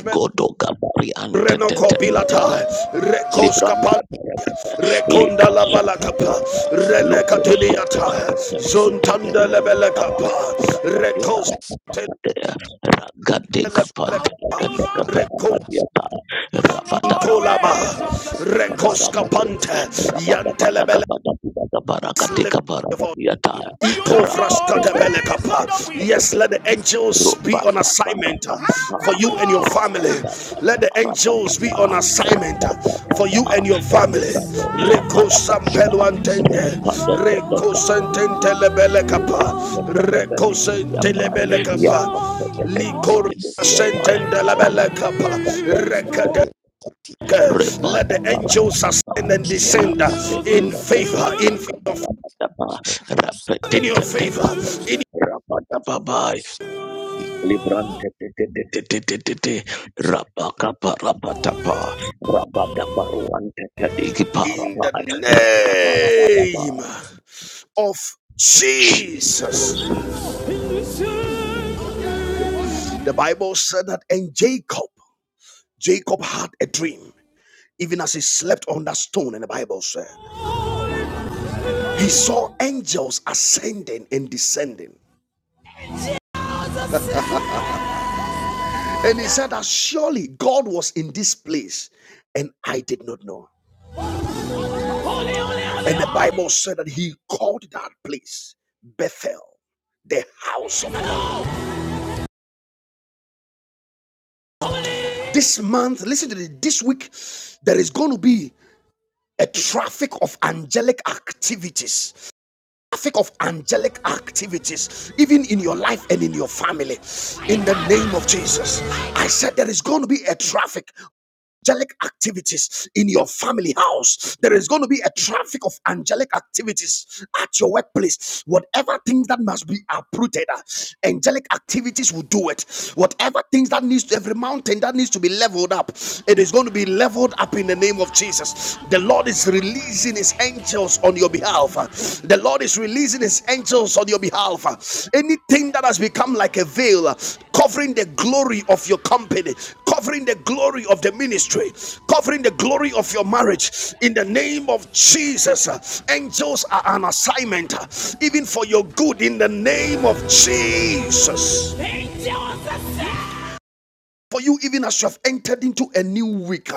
A: Jesus,
C: gabarian tete
A: Renoko
C: tete
A: bilata, rekos
C: Libranta
A: kapa,
C: Barakata,
A: rekonda
C: Lika
A: la
C: Sapa
A: balakapa,
C: Yapa, Lubro
A: relekatuniata,
C: Sopros Katar,
A: zontanda
C: Italian Paraba,
A: lebelekapa,
C: Rapati
A: rekos.
C: Parapapate, Ragade kapante kata kapapa
A: Recos
C: diata rabada
A: Intolaba
C: Kapanta, Katakapata, Rabata Parapata,
A: Recos
C: Kaparabate,
A: Capante
C: Rabata
A: Yantelebele
C: Patagapata, Parakatika Parabatiata,
A: when you don't know
C: Rapate,
A: Yes, let the angels be on
C: Rubata
A: assignment uh,
C: Parapata,
A: for you
B: Ira,
A: and
B: Ira,
A: your
B: Ira,
A: family.
C: Rapata
A: Let the angels be
C: Parapata,
A: on
D: Jesus
A: assignment uh, for
C: Rabatata,
A: you and your family.
C: Rabato
A: Reko
C: Shabarabataba,
A: sampeluantende, reko
C: Rapadokodokato,
A: sentente sententelebelekapa, reko sentente
C: Lipanteperepetimiyama,
A: sentelebelekapa, liko
C: Yapanteperepetimiyama,
D: Christ.
A: sentendelebelekapa,
C: Rabatokatantata,
A: rekete- let
C: Rebata
A: the angels
C: Barabataba,
A: ascend and descend uh, in favor, in your,
C: Rabateperepetimiyama,
A: in your favor, in.
C: Rabatekateka, Librante te te te te te te te te raba kaba raba tapa raba daba ruante te te iki para
A: in the
C: raba raba raba
A: name of Jesus. The Bible said that, and Jacob, Jacob had a dream. Even as he slept on that stone, and the Bible said, he saw angels ascending and descending. And he said that surely God was in this place, and I did not know. And the Bible said that he called that place Bethel, the house of God. This month, listen to this, this week, there is going to be a traffic of angelic activities traffic of angelic activities even in your life and in your family in the name of jesus i said there is going to be a traffic angelic activities in your family house. There is going to be a traffic of angelic activities at your workplace. Whatever things that must be uprooted, uh, angelic activities will do it. Whatever things that needs to, every mountain that needs to be leveled up, it is going to be leveled up in the name of Jesus. The Lord is releasing his angels on your behalf behalf. The Lord is releasing his angels on your behalf. Anything that has become like a veil covering the glory of your company, covering the glory of the ministry, covering the glory of your marriage, in the name of Jesus, angels are an assignment, even for your good, in the name of Jesus for you, even as you have entered into a new week.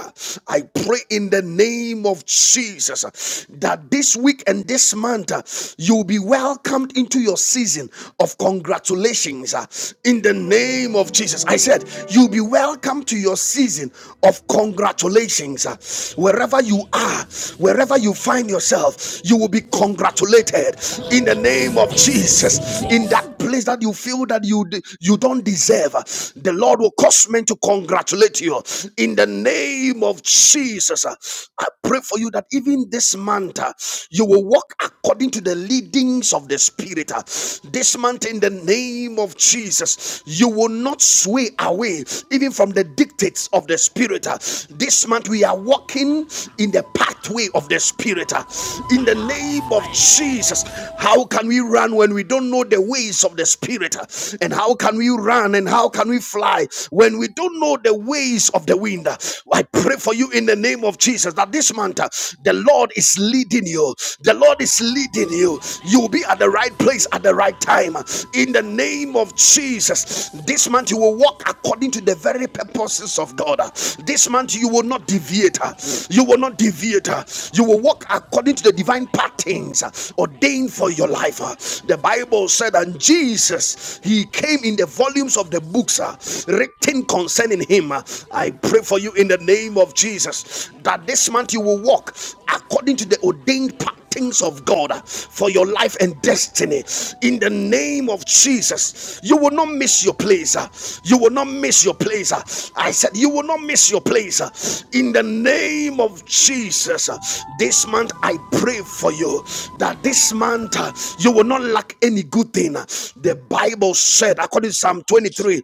A: I pray in the name of Jesus uh, that this week and this month uh, you'll be welcomed into your season of congratulations. uh, In the name of Jesus, I said you'll be welcome to your season of congratulations. uh, Wherever you are, wherever you find yourself, you will be congratulated in the name of Jesus. In that place that you feel that you you don't deserve, uh, the Lord will cause statement to congratulate you in the name of Jesus. uh, I pray for you that even this month uh, you will walk according to the leadings of the Spirit. uh, This month, in the name of Jesus, you will not sway away even from the dictates of the Spirit. uh. This month, we are walking in the pathway of the Spirit. uh, In the name of Jesus, how can we run when we don't know the ways of the Spirit? uh? And how can we run and how can we fly when we and we don't know the ways of the wind. I pray for you in the name of Jesus that this month uh, the Lord is leading you. The Lord is leading you. You will be at the right place at the right time. In the name of Jesus, this month you will walk according to the very purposes of God. This month you will not deviate. uh, You will not deviate. uh, You will walk according to the divine patterns uh, ordained for your life. uh. The Bible said, and Jesus, he came in the volumes of the books uh, written anything concerning him. I pray for you in the name of Jesus that this month you will walk according to the ordained path things of God uh, for your life and destiny. In the name of Jesus, you will not miss your place. uh, You will not miss your place. uh, I said, you will not miss your place. uh, In the name of Jesus, Uh, this month I pray for you that this month uh, you will not lack any good thing. The Bible said, according to Psalm 23,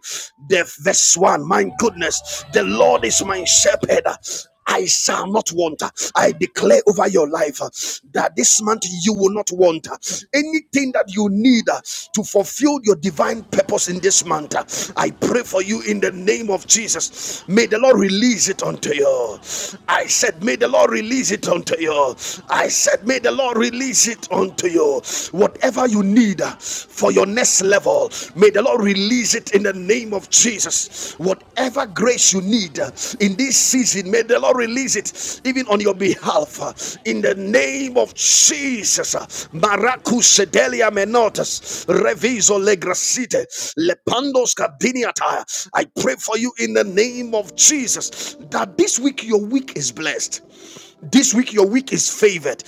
A: the verse 1 man. My goodness, the Lord is my shepherd. I shall not want. I declare over your life uh, that this month you will not want uh, anything that you need uh, to fulfill your divine purpose in this month. uh, I pray for you in the name of Jesus. May the Lord release it unto you. I said, May the Lord release it unto you. I said, May the Lord release it unto you. Whatever you need uh, for your next level, may the Lord release it in the name of Jesus. Whatever grace you need uh, in this season, may the Lord release it even on your behalf. uh, In the name of Jesus. uh, Maracus sedelia menotas, reviso legrasite, lepandos cabiniata. I pray for you in the name of Jesus that this week your week is blessed. This week, your week is favored.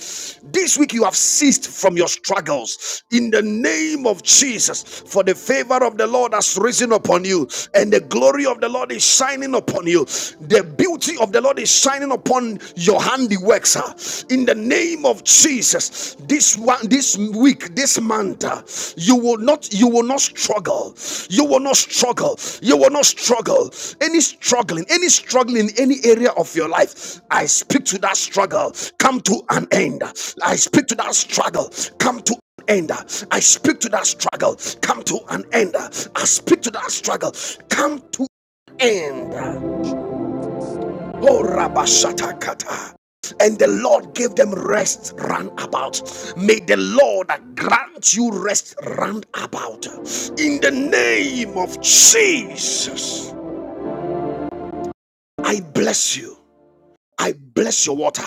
A: This week, you have ceased from your struggles in the name of Jesus. For the favor of the Lord has risen upon you, and the glory of the Lord is shining upon you. The beauty of the Lord is shining upon your handiworks. huh? In the name of Jesus, this one, this week, this month you will not you will not struggle you will not struggle you will not struggle any struggling any struggling in any area of your life i speak to that struggle come to an end i speak to that struggle come to an end i speak to that struggle come to an end i speak to that struggle come to an end Oh, Rabashata Kata, And the Lord gave them rest round about. May the Lord grant you rest round about. In the name of Jesus, I bless you. I bless your water.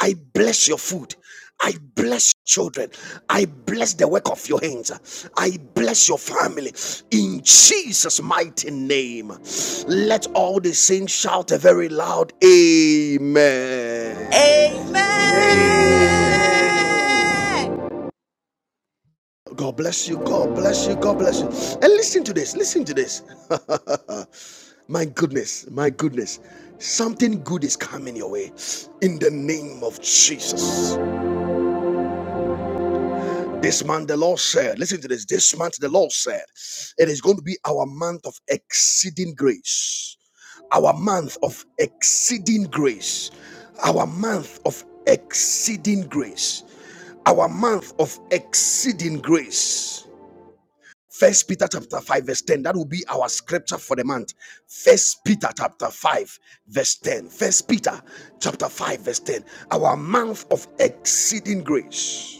A: I bless your food. I bless children. I bless the work of your hands. I bless your family. In Jesus' mighty name, let all the saints shout a very loud Amen.
E: Amen.
B: Amen.
F: Amen.
A: God bless you. God bless you. God bless you. And listen to this. Listen to this. my goodness. My goodness. Something good is coming your way in the name of Jesus. This month, the Lord said, listen to this. This month, the Lord said, it is going to be our month of exceeding grace. Our month of exceeding grace. Our month of exceeding grace. Our month of exceeding grace. First Peter chapter 5, verse 10. That will be our scripture for the month. First Peter chapter 5, verse 10. First Peter chapter 5, verse 10. Our month of exceeding grace.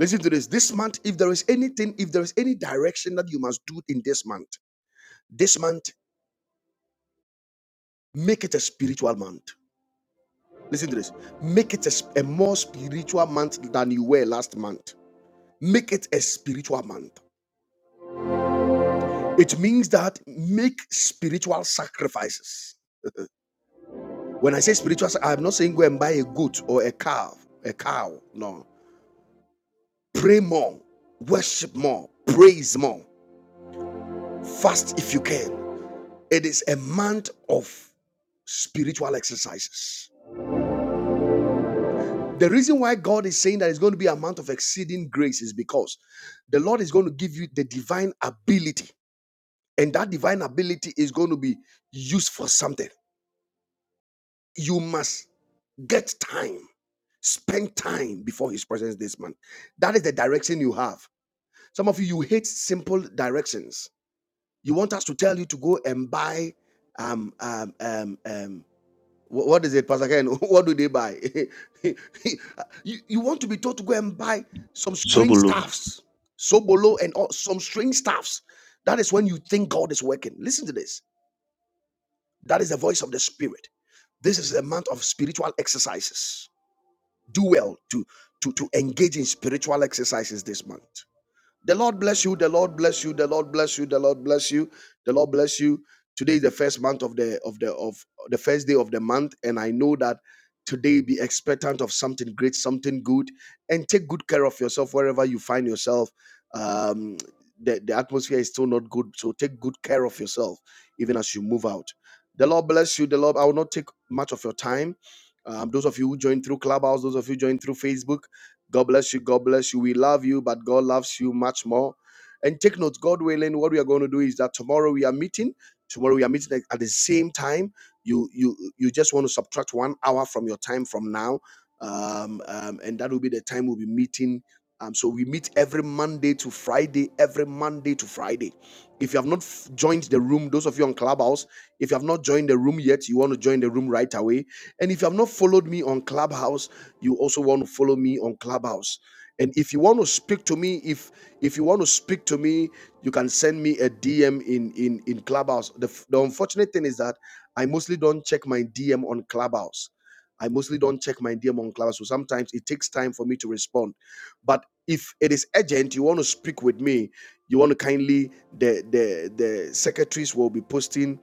A: Listen to this. This month, if there is anything, if there is any direction that you must do in this month, this month, make it a spiritual month. Listen to this. Make it a, a more spiritual month than you were last month. Make it a spiritual month. It means that make spiritual sacrifices. When I say spiritual, I'm not saying go and buy a goat or a calf, a cow. No. Pray more, worship more, praise more, fast if you can. It is a month of spiritual exercises. The reason why God is saying that it's going to be a month of exceeding grace is because the Lord is going to give you the divine ability, and that divine ability is going to be used for something. You must get time spend time before his presence this month that is the direction you have some of you you hate simple directions you want us to tell you to go and buy um, um, um, um, Wh- What is it, Pastor Ken? What do they buy? you, you want to be told to go and buy some strange
C: daba
A: stuffs, sobolo and all, some strange stuffs. That is when you think God is working. Listen to this. That is the voice of the Spirit. This is a month of spiritual exercises. Do well to, to, to engage in spiritual exercises this month. The Lord bless you. The Lord bless you. The Lord bless you. The Lord bless you. The Lord bless you. Today is the first month of the of the of the first day of the month, and I know that today be expectant of something great, something good, and take good care of yourself wherever you find yourself. Um, the, the atmosphere is still not good, so take good care of yourself even as you move out. The Lord bless you. The Lord, I will not take much of your time. Um, those of you who join through Clubhouse, those of you join through Facebook, God bless you. God bless you. We love you, but God loves you much more. And take note, God willing, what we are going to do is that tomorrow we are meeting. Tomorrow we are meeting at the same time. You you you just want to subtract one hour from your time from now, um, um, and that will be the time we'll be meeting. Um, so we meet every Monday to Friday, every Monday to Friday. If you have not f- joined the room, those of you on Clubhouse, if you have not joined the room yet, you want to join the room right away. And if you have not followed me on Clubhouse, you also want to follow me on Clubhouse. And if you want to speak to me, if if you want to speak to me, you can send me a DM in in in Clubhouse. The, f- the unfortunate thing is that I mostly don't check my DM on Clubhouse. I mostly don't check my DM on Clubhouse, so sometimes it takes time for me to respond. But if it is urgent, you want to speak with me, you want to kindly the the the secretaries will be posting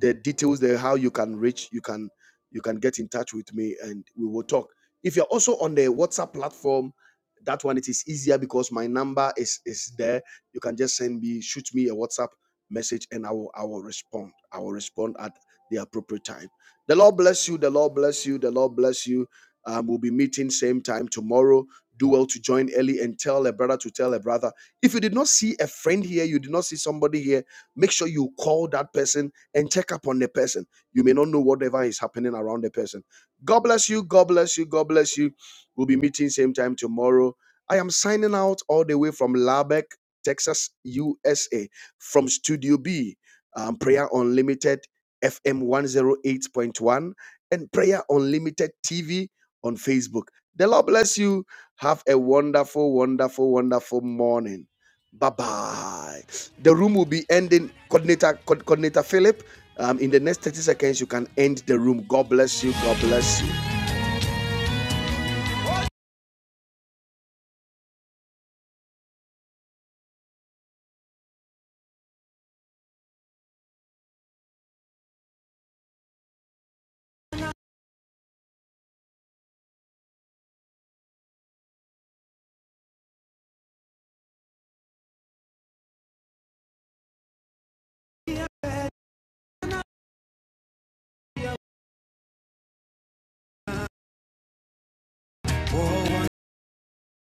A: the details there how you can reach you can you can get in touch with me and we will talk if you're also on the WhatsApp platform, that one it is easier because my number is is there. You can just send me, shoot me a WhatsApp message, and I will I will respond. I will respond at the appropriate time. The Lord bless you. The Lord bless you. The Lord bless you. Um, we'll be meeting same time tomorrow. Do well to join early and tell a brother to tell a brother. If you did not see a friend here, you did not see somebody here, make sure you call that person and check up on the person. You may not know whatever is happening around the person God bless you. God bless you. God bless you. We'll be meeting same time tomorrow. I am signing out all the way from Lubbock, Texas, USA, from Studio B, um, Prayer Unlimited FM 108.1, and Prayer Unlimited TV on Facebook. The Lord bless you. Have a wonderful, wonderful, wonderful morning. Bye bye. The room will be ending. Coordinator, co- coordinator Philip. Um, in the next 30 seconds, you can end the room. God bless you. God bless you.